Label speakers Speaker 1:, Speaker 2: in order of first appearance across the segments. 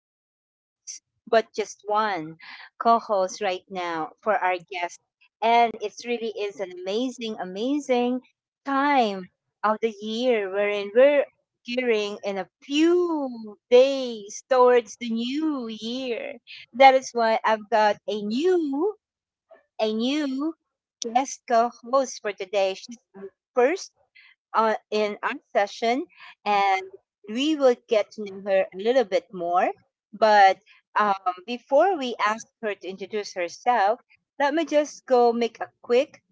Speaker 1: co hosts, but just one co host right now for our guest. And it really is an amazing, amazing time of the year wherein we're gearing in a few days towards the new year. That is why I've got a new guest co-host for today. She's our first in our session and we will get to know her a little bit more. But um, before we ask her to introduce herself, let me just go make a quick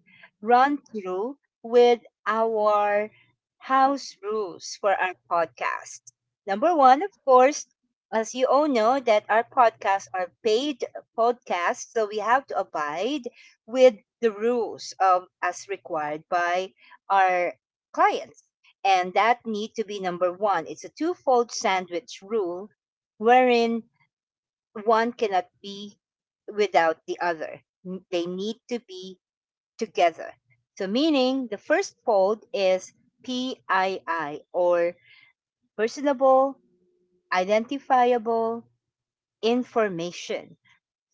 Speaker 1: run through with our house rules for our podcast. Number one, of course, as you all know, that our podcasts are paid podcasts, so we have to abide with the rules of as required by our clients. And that need to be number one. It's a twofold sandwich rule wherein one cannot be without the other. They need to be together. So, meaning the first fold is PII or personable, identifiable information,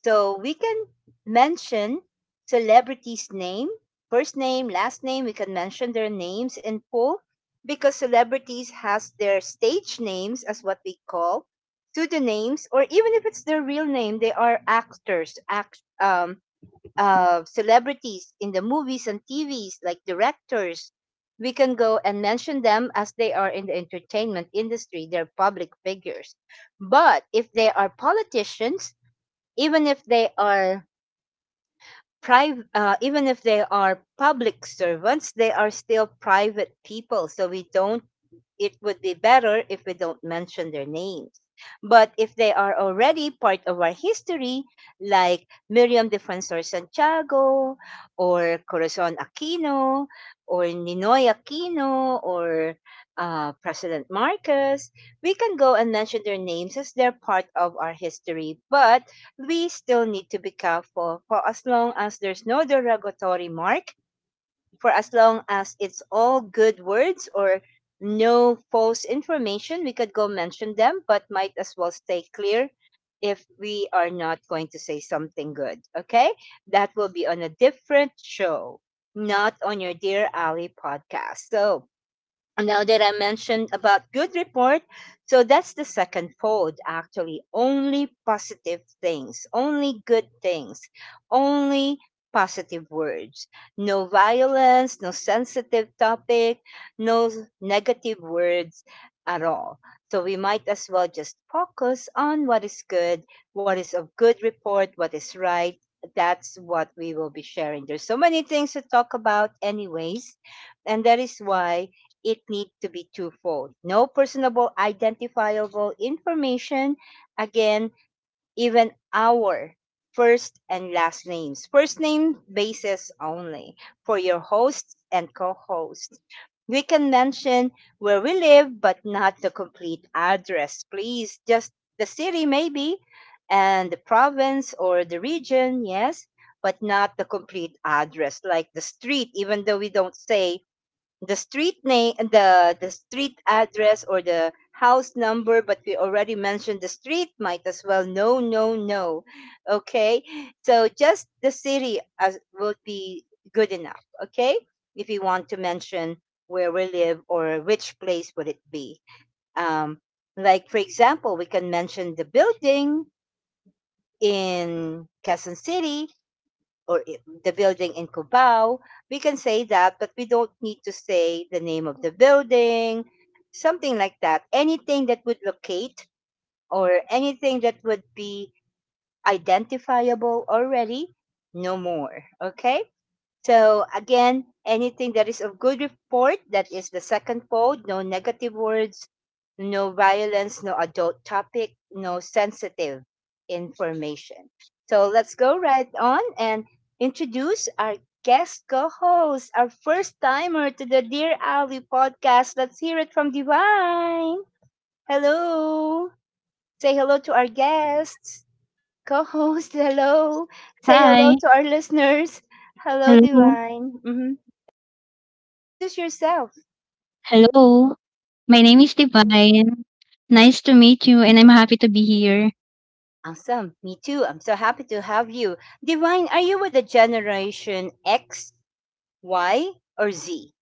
Speaker 1: so we can mention celebrities' name, first name, last name. We can mention their names in full because celebrities has their stage names as what we call pseudonyms, or even if it's their real name, they are actors, celebrities in the movies and TVs, like directors. We can go and mention them as they are in the entertainment industry. They're public figures. But if they are politicians, even if they are private even if they are public servants, they are still private people, so we don't it would be better if we don't mention their names. But if they are already part of our history, like Miriam Defensor Santiago or Corazon Aquino or Ninoy Aquino or President Marcos, we can go and mention their names as they're part of our history, but we still need to be careful. For as long as there's no derogatory mark, for as long as it's all good words or no false information, we could go mention them, but might as well stay clear if we are not going to say something good. Okay? That will be on a different show, not on your Dear Ali podcast. So now that I mentioned about good report, so that's the second fold actually. Only positive things, only good things, only positive words. No violence, no sensitive topic, no s- negative words at all. So we might as well just focus on what is good, what is of good report, what is right. That's what we will be sharing. There's so many things to talk about, anyways. And that is why it need to be twofold. No personable identifiable information. Again, even our first and last names. First name basis only for your hosts and co-hosts. We can mention where we live, but not the complete address, please. Just the city, maybe, and the province or the region, yes, but not the complete address, like the street. Even though we don't say the street name, the street address, or the house number, but we already mentioned the street, might as well, no, no, no. Okay. So just the city as would be good enough. Okay. If you want to mention where we live or which place would it be, um like for example, we can mention the building in Quezon City or the building in Cubao. We can say that, but we don't need to say the name of the building, something like that. Anything that would locate or anything that would be identifiable already, no more. Okay? So again, anything that is of good report, that is the second fold, no negative words, no violence, no adult topic, no sensitive information. So let's go right on and introduce our guest co-host, our first timer to the Dear Ali podcast. Let's hear it from Divine. Hello. Say hello to our guests. Co-host, hello. Say hello to our listeners.
Speaker 2: Hi.
Speaker 1: Hello, Divine. Mhm.
Speaker 2: Hello.
Speaker 1: Introduce yourself.
Speaker 2: Hello. My name is Divine. Nice to meet you, and I'm happy to be here.
Speaker 1: Awesome. Me too. I'm so happy to have you. Divine, are you with the generation X, Y, or Z?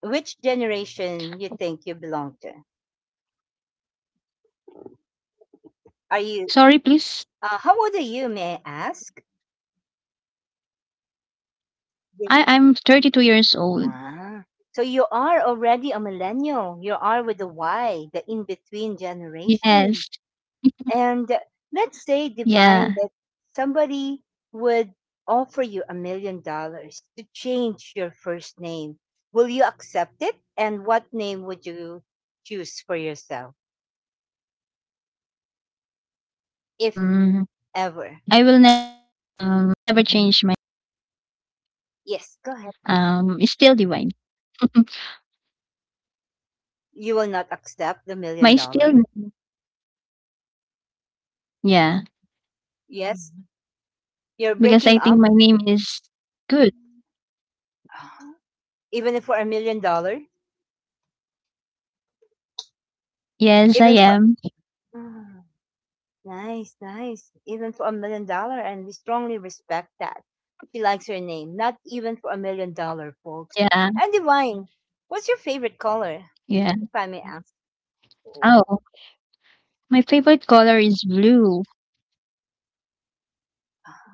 Speaker 1: Which generation you think you belong to? Are you?
Speaker 2: Sorry, please.
Speaker 1: How old are you? May I ask? Di-
Speaker 2: I'm 32 years
Speaker 1: Ah,
Speaker 2: old.
Speaker 1: so you are already a millennial. You are with the Y, the in-between generation. And
Speaker 2: Yes.
Speaker 1: let's say, Divine, that somebody would
Speaker 2: Yeah.
Speaker 1: offer you $1 million to change your first name. Will you accept it? And what name would you choose for yourself, if
Speaker 2: Um.
Speaker 1: ever?
Speaker 2: I will never change my name.
Speaker 1: Mhm. Yes, go ahead.
Speaker 2: Yeah. It's still Divine.
Speaker 1: You will not accept the million dollar.
Speaker 2: My still name. Yeah.
Speaker 1: Yes. Mhm. You're
Speaker 2: Because
Speaker 1: breaking
Speaker 2: I think
Speaker 1: up.
Speaker 2: my name is good.
Speaker 1: Even if for $1 million,
Speaker 2: Yes, I
Speaker 1: even for.
Speaker 2: am.
Speaker 1: Nice, nice. Even for $1 million, and we strongly respect that. She likes her name. Not even for $1 million, folks.
Speaker 2: Yeah.
Speaker 1: And Divine, what's your favorite color,
Speaker 2: Yeah.
Speaker 1: if I may ask? Oh.
Speaker 2: Oh, my favorite color is blue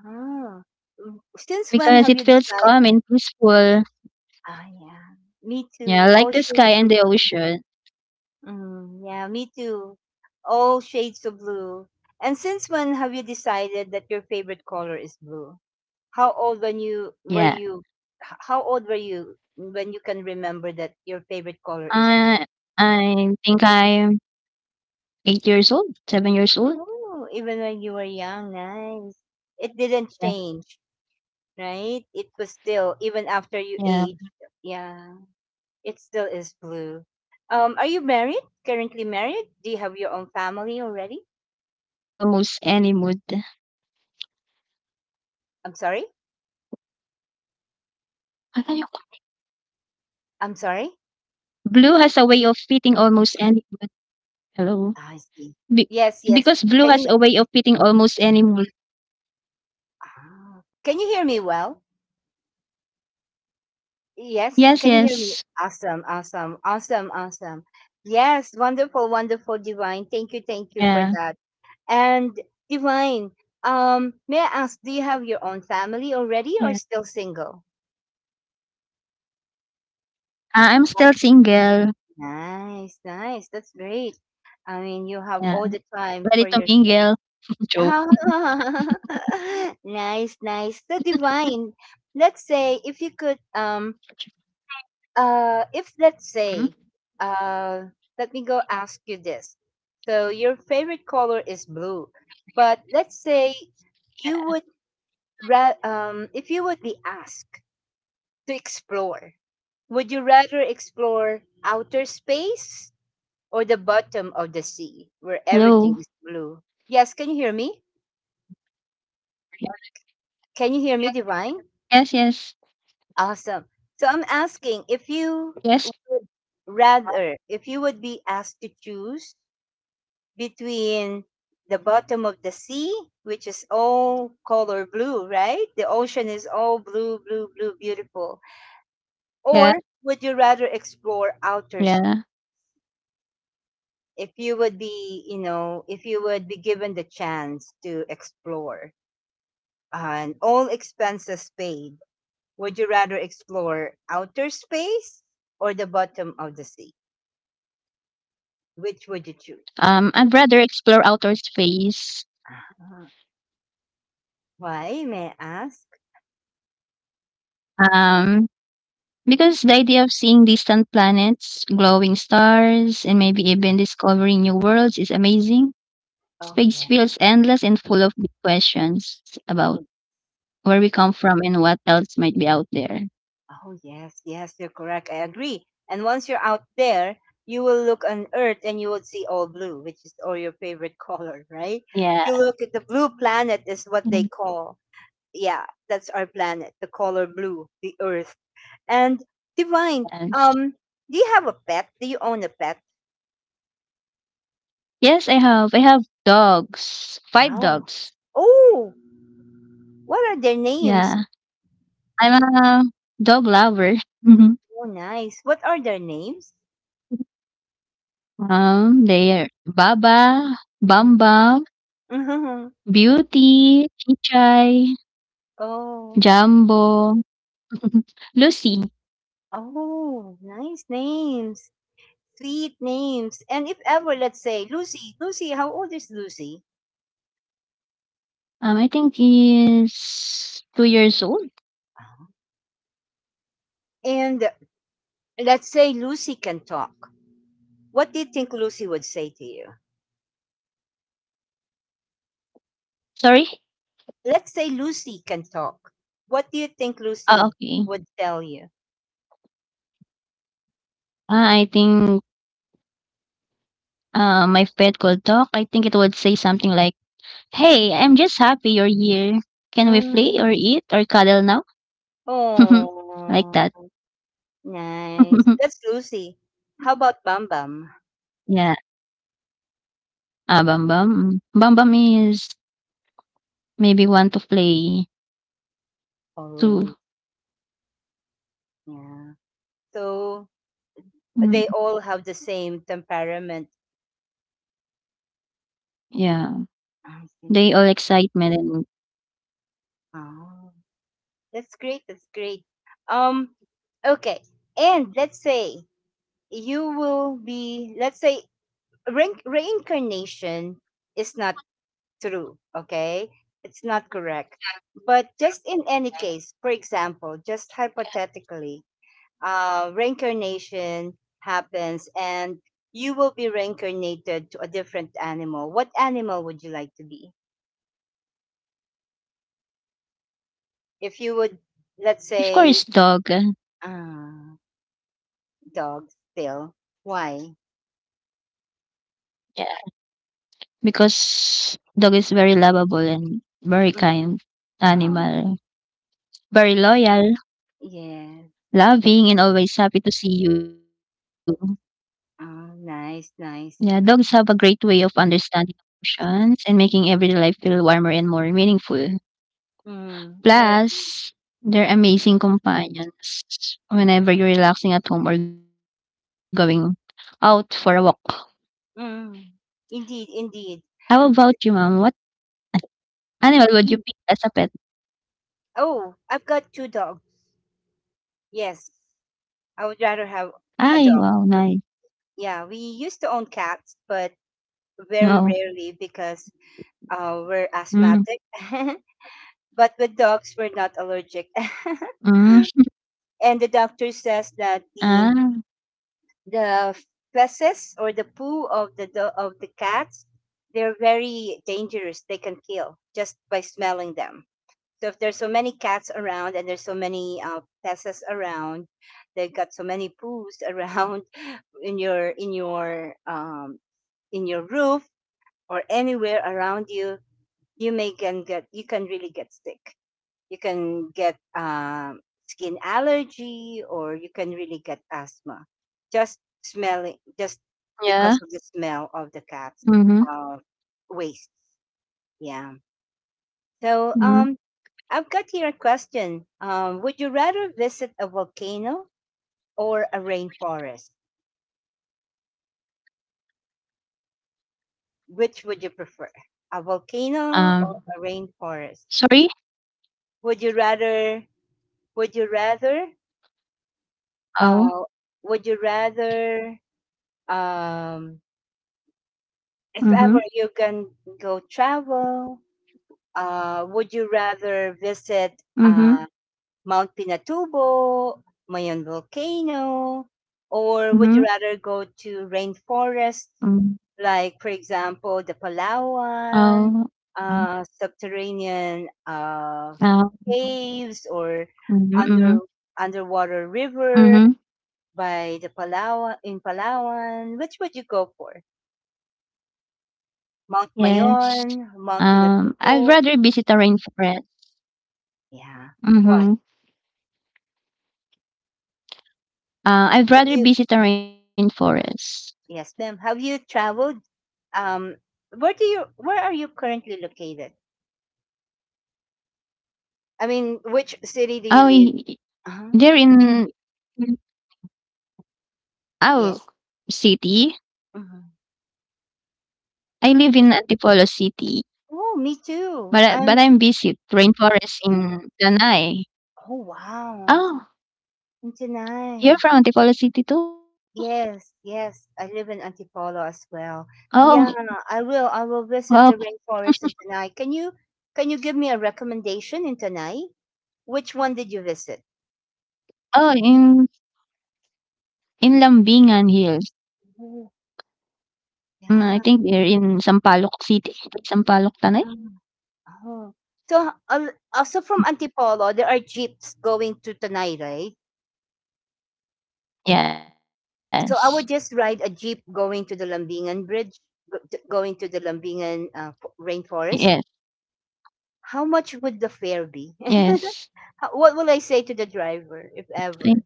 Speaker 1: Ah, since when
Speaker 2: because
Speaker 1: have
Speaker 2: it
Speaker 1: you
Speaker 2: feels
Speaker 1: decided?
Speaker 2: calm and peaceful.
Speaker 1: Ah, yeah, me too.
Speaker 2: Yeah,
Speaker 1: All
Speaker 2: like the
Speaker 1: shades
Speaker 2: sky and
Speaker 1: of
Speaker 2: the
Speaker 1: blue.
Speaker 2: ocean.
Speaker 1: Mm, yeah, me too. All shades of blue. And since when have you decided that your favorite color is blue? How old when you were
Speaker 2: Yeah.
Speaker 1: you? How old were you when you can remember that your favorite color is blue?
Speaker 2: Uh, I think I'm 8 years old, 7 years old.
Speaker 1: Oh, even when you were young, nice. It didn't
Speaker 2: Yeah,
Speaker 1: change, right? It was still even after you aged.
Speaker 2: yeah,
Speaker 1: Yeah, it still is
Speaker 2: yeah.
Speaker 1: blue. Are you married?
Speaker 2: Because
Speaker 1: Currently
Speaker 2: blue has
Speaker 1: married?
Speaker 2: a
Speaker 1: Do
Speaker 2: way
Speaker 1: you
Speaker 2: of
Speaker 1: have your
Speaker 2: fitting
Speaker 1: own
Speaker 2: almost
Speaker 1: family
Speaker 2: any
Speaker 1: already?
Speaker 2: mood.
Speaker 1: I'm sorry.
Speaker 2: Akala ko-
Speaker 1: I'm sorry.
Speaker 2: Blue has a way of fitting almost any mood. Hello.
Speaker 1: Ah, I
Speaker 2: Be-
Speaker 1: see.
Speaker 2: because
Speaker 1: Yes,
Speaker 2: blue
Speaker 1: yes.
Speaker 2: has a way
Speaker 1: Can
Speaker 2: of
Speaker 1: you
Speaker 2: fitting almost any mood.
Speaker 1: ah, can you hear me well? Yes,
Speaker 2: Yes,
Speaker 1: can you hear me?
Speaker 2: yes.
Speaker 1: Awesome, awesome, awesome, awesome. Yes, wonderful, wonderful, Divine.
Speaker 2: Yeah,
Speaker 1: Thank you for that. And Divine, may I ask, do you have your own family
Speaker 2: yeah.
Speaker 1: already or still single?
Speaker 2: I'm still single.
Speaker 1: Nice, nice. That's great. I mean, you have
Speaker 2: Yeah.
Speaker 1: all the time
Speaker 2: Ready
Speaker 1: for
Speaker 2: to
Speaker 1: yourself.
Speaker 2: mingle. Joke.
Speaker 1: nice, nice. So Divine. Let's say if you could if let's say,
Speaker 2: Hmm?
Speaker 1: uh, let me go ask you this. So your favorite color is blue, but let's say you would
Speaker 2: Yeah.
Speaker 1: if you would be asked to explore, would you rather explore outer space
Speaker 2: Sorry.
Speaker 1: or the bottom of the sea where everything
Speaker 2: Hello.
Speaker 1: is blue? Yes, can you hear me? Can you hear me,
Speaker 2: Yes,
Speaker 1: Divine?
Speaker 2: yes, yes.
Speaker 1: Awesome. So I'm asking if you
Speaker 2: Yes,
Speaker 1: would rather, if you would be asked to choose between the bottom of the sea, which is all color blue, right? The ocean is all blue, blue, blue, beautiful.
Speaker 2: yeah,
Speaker 1: Or would you rather explore outer space?
Speaker 2: yeah.
Speaker 1: If you would be, if you would be given the chance to explore and all expenses paid, would you rather explore outer space or the bottom of the sea? Which would you choose?
Speaker 2: I'd rather explore outer space.
Speaker 1: Ah, why, may I ask?
Speaker 2: Um, because the idea of seeing distant planets, glowing stars, and maybe even discovering new worlds is amazing.
Speaker 1: Oh,
Speaker 2: Space feels endless and full of big questions
Speaker 1: yeah.
Speaker 2: about where we come from and what else might be out there.
Speaker 1: Oh, yes, yes, you're correct. I agree. And once you're out there, you will look on Earth and you will see all blue, which is all your favorite color, right?
Speaker 2: Yeah.
Speaker 1: If you look at the blue planet, is
Speaker 2: Mm,
Speaker 1: what they call. Yeah, that's our planet, the color blue, the Earth. And Divine,
Speaker 2: yes.
Speaker 1: um, do you have a pet? Do you own a pet?
Speaker 2: Yes, I have. I have dogs. Five
Speaker 1: Oh,
Speaker 2: dogs.
Speaker 1: oh, what are their names?
Speaker 2: Yeah. I'm a dog lover.
Speaker 1: Oh, nice. What are their names?
Speaker 2: They're Baba, Bam Bam, Beauty, Chichay,
Speaker 1: oh,
Speaker 2: Jumbo, Lucy.
Speaker 1: oh, nice names. Sweet names. And if ever, let's say, Lucy, Lucy, how old is Lucy?
Speaker 2: I think he's 2 years old.
Speaker 1: And let's say Lucy can talk. What do you think Lucy would say to you?
Speaker 2: Sorry?
Speaker 1: Let's say Lucy can talk. What do you think Lucy
Speaker 2: Ah, okay.
Speaker 1: would tell you?
Speaker 2: Ah, I think my pet could talk. I think it would say something like, hey, I'm just happy you're here. Can we play
Speaker 1: Mm.
Speaker 2: or eat or cuddle now? Like
Speaker 1: Oh,
Speaker 2: that.
Speaker 1: nice. That's Lucy. How about Bam Bam?
Speaker 2: Yeah. Ah, Bam Bam. Mm. Bam Bam is maybe want to play too.
Speaker 1: Always, yeah. So they
Speaker 2: Mm.
Speaker 1: all have the same temperament.
Speaker 2: Yeah,
Speaker 1: I see.
Speaker 2: they all excitement and
Speaker 1: Oh. That's great. That's great. Um, okay. And let's say you will be, let's say reincarnation is not true. Okay. It's not correct. But just in any case, for example, just hypothetically, reincarnation happens and you will be reincarnated to a different animal. What animal would you like to be? If you would, let's
Speaker 2: of course
Speaker 1: say,
Speaker 2: dog.
Speaker 1: uh, dog still. Why?
Speaker 2: Yeah, because dog is very lovable and
Speaker 1: Mhm.
Speaker 2: very kind
Speaker 1: Um,
Speaker 2: animal, very loyal,
Speaker 1: yes.
Speaker 2: loving, and always happy to see you.
Speaker 1: Oh, nice,
Speaker 2: Yeah,
Speaker 1: nice.
Speaker 2: dogs have a great way of understanding emotions and making everyday life feel warmer and more meaningful.
Speaker 1: Mm, I agree.
Speaker 2: Plus, they're amazing companions whenever you're relaxing at home or going out for a walk.
Speaker 1: Mm, indeed,
Speaker 2: How about you,
Speaker 1: indeed.
Speaker 2: ma'am? What animal would you pick as a pet?
Speaker 1: Mm. Oh, I've got two dogs. Yes, I would rather have
Speaker 2: Ay,
Speaker 1: a
Speaker 2: wow,
Speaker 1: dog.
Speaker 2: nice.
Speaker 1: But yeah, we used to own cats, but
Speaker 2: Oo.
Speaker 1: very rarely because we're
Speaker 2: Hmm,
Speaker 1: asthmatic. But with dogs, we're not allergic.
Speaker 2: hmm.
Speaker 1: And the doctor says that the
Speaker 2: Ah,
Speaker 1: the feces or the poo of the of the cats, they're very dangerous. They can kill just by smelling them. So if there's so many cats around and there's so many feces around, they have got so many poos around in your in your roof or anywhere around you, you may can get you can really get sick. You can get skin allergy, or you can really get asthma just smelling,
Speaker 2: yeah.
Speaker 1: just because of the smell
Speaker 2: Mhm,
Speaker 1: of the cat's uh, waste. Yeah.
Speaker 2: mhm.
Speaker 1: So I've got here a question. Would you rather visit a volcano or a rainforest? Which would you prefer?
Speaker 2: Um,
Speaker 1: A volcano or a
Speaker 2: sorry?
Speaker 1: rainforest? Would you rather would you rather
Speaker 2: Oh.
Speaker 1: uh would you rather um if
Speaker 2: Oo.
Speaker 1: ever you can go travel, would you rather visit
Speaker 2: Mhm, mhm,
Speaker 1: Mount Pinatubo, Mayon Volcano, or would you
Speaker 2: mhm,
Speaker 1: rather go to rainforests,
Speaker 2: hmm.
Speaker 1: like, for example, the
Speaker 2: Oh,
Speaker 1: Palawan,
Speaker 2: um,
Speaker 1: subterranean
Speaker 2: um,
Speaker 1: caves, or
Speaker 2: mhm,
Speaker 1: under
Speaker 2: mhm,
Speaker 1: underwater river
Speaker 2: mhm.
Speaker 1: by the Palawan in Palawan? Which would you go for?
Speaker 2: Yes.
Speaker 1: Mount Mayon, Mount
Speaker 2: I'd rather
Speaker 1: Pinatubo.
Speaker 2: visit a rainforest.
Speaker 1: Yeah.
Speaker 2: Mhm.
Speaker 1: What?
Speaker 2: I'd rather
Speaker 1: Have you
Speaker 2: visit a rainforest.
Speaker 1: Yes, ma'am. Have you traveled? Um where do you where are you currently located? I mean, which
Speaker 2: Oh,
Speaker 1: city do you
Speaker 2: I
Speaker 1: live? Uh-huh.
Speaker 2: they're in our
Speaker 1: Yes.
Speaker 2: city?
Speaker 1: Hmm.
Speaker 2: I live in Antipolo City.
Speaker 1: Oh, me too.
Speaker 2: But I
Speaker 1: I'm
Speaker 2: but I'm busy rainforest in Lanai.
Speaker 1: Oh, wow.
Speaker 2: Oh,
Speaker 1: In Chennai.
Speaker 2: you're from Antipolo City too?
Speaker 1: Yes, yes. I live in Antipolo as well. Yeah,
Speaker 2: Oh,
Speaker 1: I will. I will visit the
Speaker 2: wow.
Speaker 1: rainforest in Chennai. Can you give me a recommendation in Chennai? Which one did you visit?
Speaker 2: Oh, in Lambingan Hills. Mm,
Speaker 1: Yeah.
Speaker 2: I think they're in Sampaloc City. Sampaloc, Tanay?
Speaker 1: um, Oh. So also from Antipolo, there are jeeps going to Tanay, right?
Speaker 2: Yes.
Speaker 1: So I would just ride a jeep going to the Lambingan Bridge, going to the Lambingan
Speaker 2: Yes.
Speaker 1: rainforest. How much would the fare be?
Speaker 2: Yes.
Speaker 1: What will I say to the driver,
Speaker 2: I
Speaker 1: if
Speaker 2: think,
Speaker 1: ever?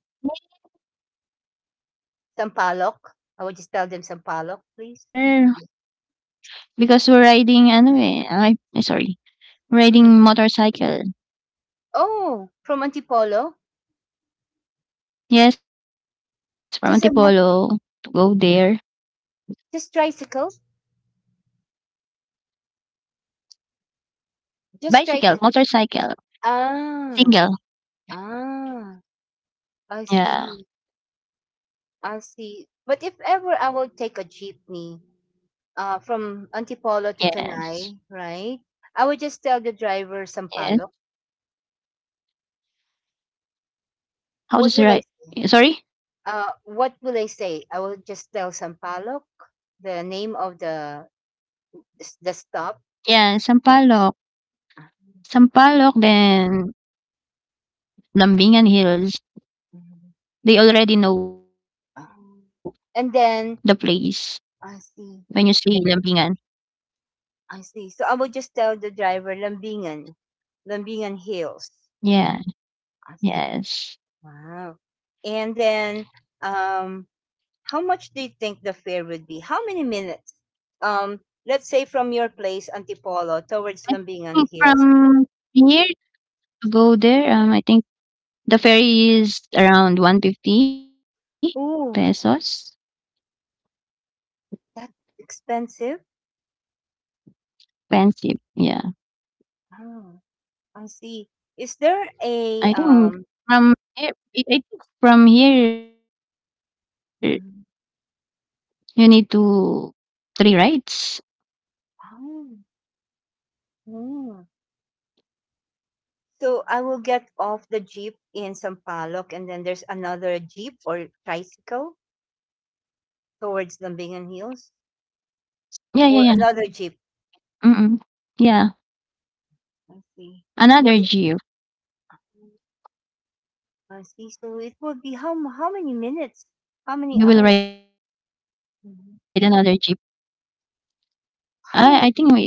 Speaker 1: Sampalok?
Speaker 2: um,
Speaker 1: I would just tell them
Speaker 2: I
Speaker 1: Sampalok,
Speaker 2: don't
Speaker 1: please. Yeah.
Speaker 2: remember because we're riding ano eh, I sorry,
Speaker 1: Mhm.
Speaker 2: riding motorcycle.
Speaker 1: Oh, from Antipolo?
Speaker 2: Yes, from
Speaker 1: Just a mo-
Speaker 2: Antipolo to go there.
Speaker 1: just tricycle? Just tricycle.
Speaker 2: Bicycle, motorcycle,
Speaker 1: Ah,
Speaker 2: single.
Speaker 1: ah, I see.
Speaker 2: Yeah.
Speaker 1: I see. But if ever I will take a jeepney, from Antipolo to Tanay,
Speaker 2: Yes,
Speaker 1: right? I would just tell the driver Sampaloc.
Speaker 2: yes.
Speaker 1: What will I say?
Speaker 2: How to say right? Sorry?
Speaker 1: What will I say? I will just tell Sampaloc, the name of the stop.
Speaker 2: Yeah, Sampaloc. Sampaloc, then Lambingan Hills. They already know
Speaker 1: Um,
Speaker 2: the
Speaker 1: And then
Speaker 2: place
Speaker 1: I
Speaker 2: when you
Speaker 1: see,
Speaker 2: say Lambingan.
Speaker 1: I see. So I will just tell the driver Lambingan, Lambingan Hills.
Speaker 2: Yeah,
Speaker 1: I see.
Speaker 2: yes.
Speaker 1: Wow. And then um, how much do you think the fare would be? How many minutes? Um, let's say from your place, Antipolo, towards
Speaker 2: Think
Speaker 1: Lambingan Hills.
Speaker 2: from here to go there, I think the ferry is around 150
Speaker 1: Ooh,
Speaker 2: pesos.
Speaker 1: that's expensive.
Speaker 2: Expensive. Yeah.
Speaker 1: Oh, I see. Is there
Speaker 2: I
Speaker 1: a
Speaker 2: think
Speaker 1: um?
Speaker 2: from here, from here,
Speaker 1: Mhm.
Speaker 2: you need to three rides.
Speaker 1: Oh, oh. So I will get off the jeep in Sampaloc, and then there's another jeep or tricycle towards Lambingan Hills,
Speaker 2: Yeah, yeah, yeah.
Speaker 1: or another jeep.
Speaker 2: Mm. Yeah,
Speaker 1: I see.
Speaker 2: another jeep.
Speaker 1: I see. So it would be how many minutes? How many
Speaker 2: You will
Speaker 1: hours?
Speaker 2: ride another jeep.
Speaker 1: Mhm.
Speaker 2: I think it's almost
Speaker 1: How
Speaker 2: 1
Speaker 1: many
Speaker 2: hour.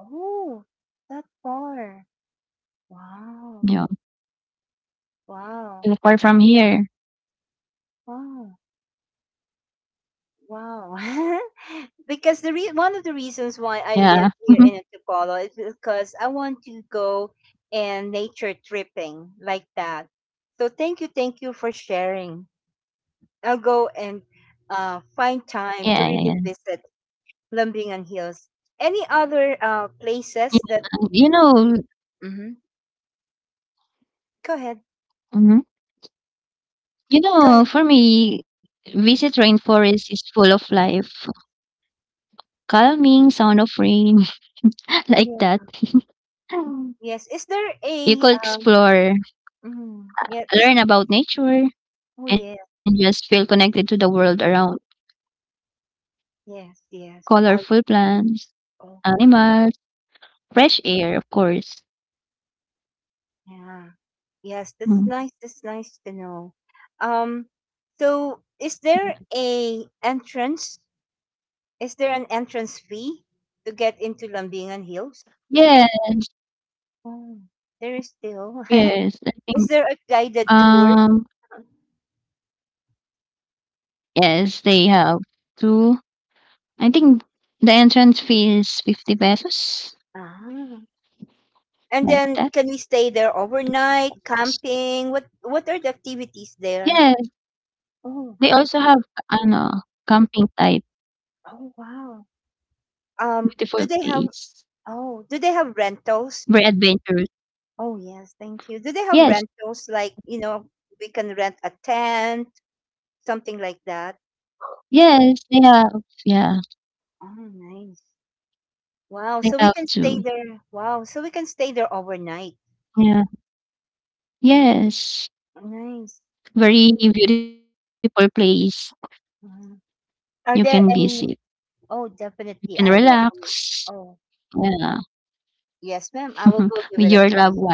Speaker 1: Oh, that far. Wow.
Speaker 2: Yeah,
Speaker 1: Wow.
Speaker 2: too far from here.
Speaker 1: Wow. Wow. because the one of the reasons why
Speaker 2: Yeah.
Speaker 1: I live here in Antipolo is because I want to go and nature tripping like that. So thank you for sharing. I'll go and
Speaker 2: Yeah, yeah,
Speaker 1: find
Speaker 2: yeah.
Speaker 1: time to really visit Lambingan Hills. Any other
Speaker 2: Yeah,
Speaker 1: places
Speaker 2: you
Speaker 1: that?
Speaker 2: know
Speaker 1: Mhm. Go ahead.
Speaker 2: mhm. You
Speaker 1: Go
Speaker 2: know,
Speaker 1: ahead.
Speaker 2: for me, visit
Speaker 1: Mhm.
Speaker 2: rainforest is full of life, calming sound of rain, like that.
Speaker 1: Yes. Is there a
Speaker 2: You could
Speaker 1: um?
Speaker 2: explore,
Speaker 1: Mm, yeah. Is
Speaker 2: learn about nature,
Speaker 1: oh yeah.
Speaker 2: and just feel connected to the world around.
Speaker 1: Yes. Yes. I will.
Speaker 2: Colorful plants,
Speaker 1: Oh
Speaker 2: animals, fresh air, of course.
Speaker 1: yeah. Yes. That's nice.
Speaker 2: Mm.
Speaker 1: That's nice to know. Um. So is there
Speaker 2: Yeah.
Speaker 1: a entrance? Is there an entrance fee to get into Lambingan Hills?
Speaker 2: Yes,
Speaker 1: Oh, there is still. Is
Speaker 2: yes, I
Speaker 1: there a
Speaker 2: think,
Speaker 1: guided tour?
Speaker 2: um, yes, they have 2. I think the entrance fee is 50 pesos,
Speaker 1: Ah. And
Speaker 2: like
Speaker 1: then
Speaker 2: that.
Speaker 1: can we stay there overnight, camping? What are the activities there?
Speaker 2: Yes, they
Speaker 1: Oh.
Speaker 2: also have ano, camping type,
Speaker 1: Oh wow.
Speaker 2: beautiful
Speaker 1: Do they have
Speaker 2: place,
Speaker 1: Oh, do they have rentals?
Speaker 2: very adventurous.
Speaker 1: Oh yes, thank you. Do they have
Speaker 2: Yes,
Speaker 1: rentals like, you know, we can rent a tent, something like that?
Speaker 2: yes, they have, yeah,
Speaker 1: Oh nice.
Speaker 2: they have 2.
Speaker 1: Wow, so we can stay there overnight.
Speaker 2: Yeah, yes,
Speaker 1: Nice.
Speaker 2: very beautiful place
Speaker 1: Mhm.
Speaker 2: you can
Speaker 1: Are there
Speaker 2: visit.
Speaker 1: any Oh,
Speaker 2: You can
Speaker 1: definitely I will.
Speaker 2: relax.
Speaker 1: Oh,
Speaker 2: Yeah.
Speaker 1: yes, ma'am. I
Speaker 2: With
Speaker 1: will go give it
Speaker 2: your
Speaker 1: a
Speaker 2: loved
Speaker 1: try.
Speaker 2: ones.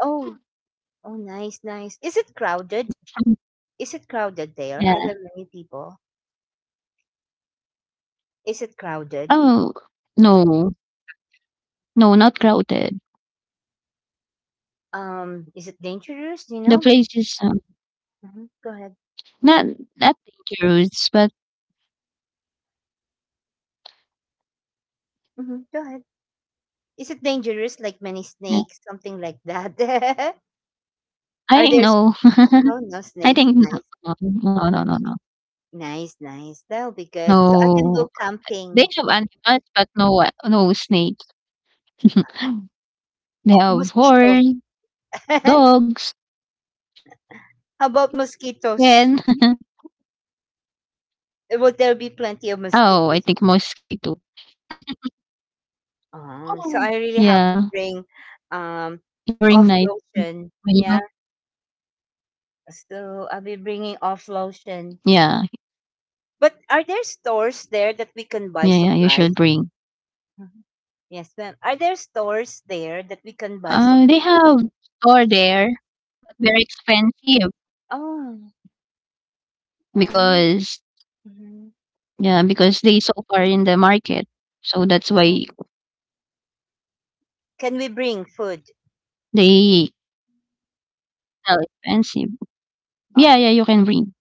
Speaker 1: Oh, oh nice, nice. Is it crowded?
Speaker 2: Mm.
Speaker 1: Is
Speaker 2: Yeah.
Speaker 1: it crowded there? Are there many people? Is it
Speaker 2: Oh,
Speaker 1: crowded?
Speaker 2: no. No, not crowded.
Speaker 1: Is it
Speaker 2: The
Speaker 1: dangerous? Do
Speaker 2: place
Speaker 1: you know?
Speaker 2: is,
Speaker 1: But, mhm, go ahead.
Speaker 2: not not dangerous, but
Speaker 1: Hmm, go ahead. Is it dangerous? Like many
Speaker 2: yeah.
Speaker 1: snakes, something like that. Are
Speaker 2: I
Speaker 1: there s-
Speaker 2: know.
Speaker 1: no, no
Speaker 2: I
Speaker 1: snakes?
Speaker 2: think
Speaker 1: Nice,
Speaker 2: no, no, no, no, no.
Speaker 1: nice, nice. That'll be good. So I can go
Speaker 2: No. They
Speaker 1: camping.
Speaker 2: have animals, but no a no snake. They
Speaker 1: Oh,
Speaker 2: have
Speaker 1: mosquitoes.
Speaker 2: horse, dogs, and
Speaker 1: How about mosquitoes?
Speaker 2: oh,
Speaker 1: Will
Speaker 2: I
Speaker 1: there
Speaker 2: think
Speaker 1: be plenty of
Speaker 2: mosquito.
Speaker 1: mosquitoes?
Speaker 2: Oh. Yeah,
Speaker 1: Oh, so I really have to
Speaker 2: during
Speaker 1: bring
Speaker 2: night.
Speaker 1: um
Speaker 2: When you
Speaker 1: off lotion. Yeah. So I'll be bringing off
Speaker 2: Yeah,
Speaker 1: lotion. But are there stores there
Speaker 2: yeah,
Speaker 1: that we
Speaker 2: yeah, you
Speaker 1: can buy
Speaker 2: should bring.
Speaker 1: supplies? Mhm. Yes, ma'am. Are there stores there that we can buy
Speaker 2: They
Speaker 1: supplies?
Speaker 2: have store there, but very expensive
Speaker 1: Oh, oh.
Speaker 2: because
Speaker 1: Hmm.
Speaker 2: yeah, because they so far in the market, so that's why
Speaker 1: Can we bring food?
Speaker 2: they sell expensive. Yeah, yeah,
Speaker 1: Oh,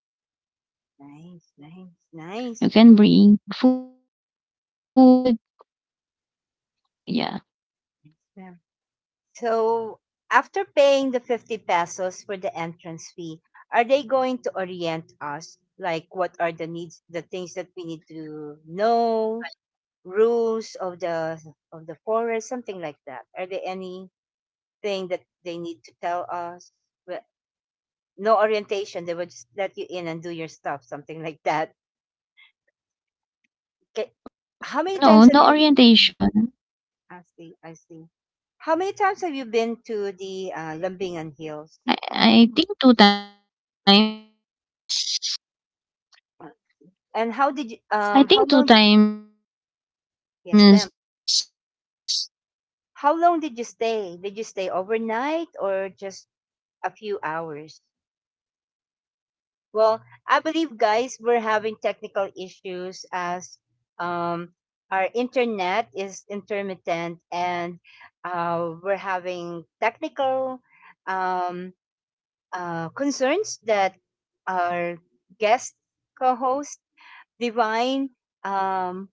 Speaker 1: nice, nice,
Speaker 2: you
Speaker 1: nice.
Speaker 2: can bring food. Yeah.
Speaker 1: Yes, ma'am. So, after paying the 50 pesos for the entrance fee, are they going to orient us? Like, what are the needs, the things that we need to know, rules of the forest, something like that? Are there anything that they need to tell us? No
Speaker 2: Oh
Speaker 1: orientation. They
Speaker 2: yeah.
Speaker 1: would just let you in and do your stuff, something like that. Okay. How many times have you? Mm, I
Speaker 2: No,
Speaker 1: see.
Speaker 2: no
Speaker 1: I see.
Speaker 2: orientation.
Speaker 1: How many times have you been to the Lambingan Hills?
Speaker 2: I think two times.
Speaker 1: Uh,
Speaker 2: I
Speaker 1: And
Speaker 2: think
Speaker 1: how
Speaker 2: two
Speaker 1: did you?
Speaker 2: times
Speaker 1: Yes, ma'am.
Speaker 2: I visited there.
Speaker 1: How long did you stay? Did you stay overnight or just a few hours? Well, I believe, guys, we're having technical issues as
Speaker 2: Oh, a few
Speaker 1: um,
Speaker 2: hours.
Speaker 1: our internet is intermittent, and
Speaker 2: Um, day
Speaker 1: we're
Speaker 2: day in
Speaker 1: having
Speaker 2: a day.
Speaker 1: technical um, concerns that our guest co host, Divine, um,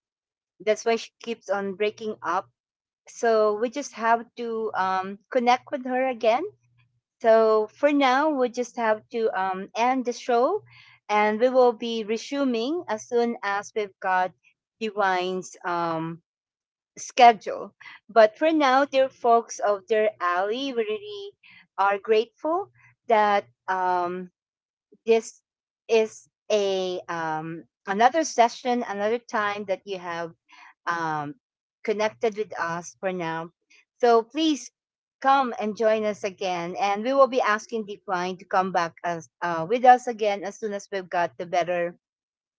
Speaker 1: that's why she keeps on breaking up. So we just have to connect with her again. So for now, we just have to end the show, and we will be resuming as soon as we've got the wine's schedule. But for now, dear folks of Dear Alley, we really are grateful that this is a another session, another time that you have um, connected with us for now. So please come and join us again, and we will be asking Decline to come back as with us again as soon as we've got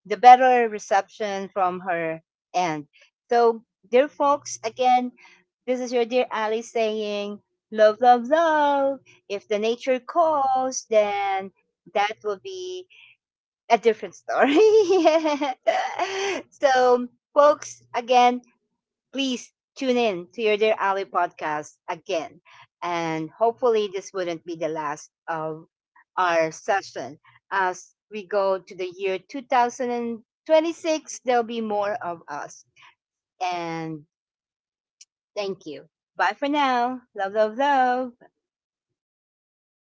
Speaker 1: the better reception from her end. So, dear folks, again,
Speaker 2: Hmm,
Speaker 1: this is your dear Ali saying, love, love, love. If the nature calls, then that will be a different story. So, folks, again, please tune in to your Dear Ali podcast again.
Speaker 2: 30 minutes lang
Speaker 1: And
Speaker 2: tayo.
Speaker 1: hopefully, this wouldn't be the last of our session. As we go to the
Speaker 2: Sure 'to,
Speaker 1: year
Speaker 2: legit 'to.
Speaker 1: 2026, there'll be more of us. And
Speaker 2: Hmm? Tapos
Speaker 1: thank
Speaker 2: natapos
Speaker 1: you.
Speaker 2: mo.
Speaker 1: Bye for
Speaker 2: Tama naman
Speaker 1: now.
Speaker 2: yun,
Speaker 1: Love,
Speaker 2: nakaano
Speaker 1: love,
Speaker 2: yun,
Speaker 1: love.
Speaker 2: ChatGPT. Bilis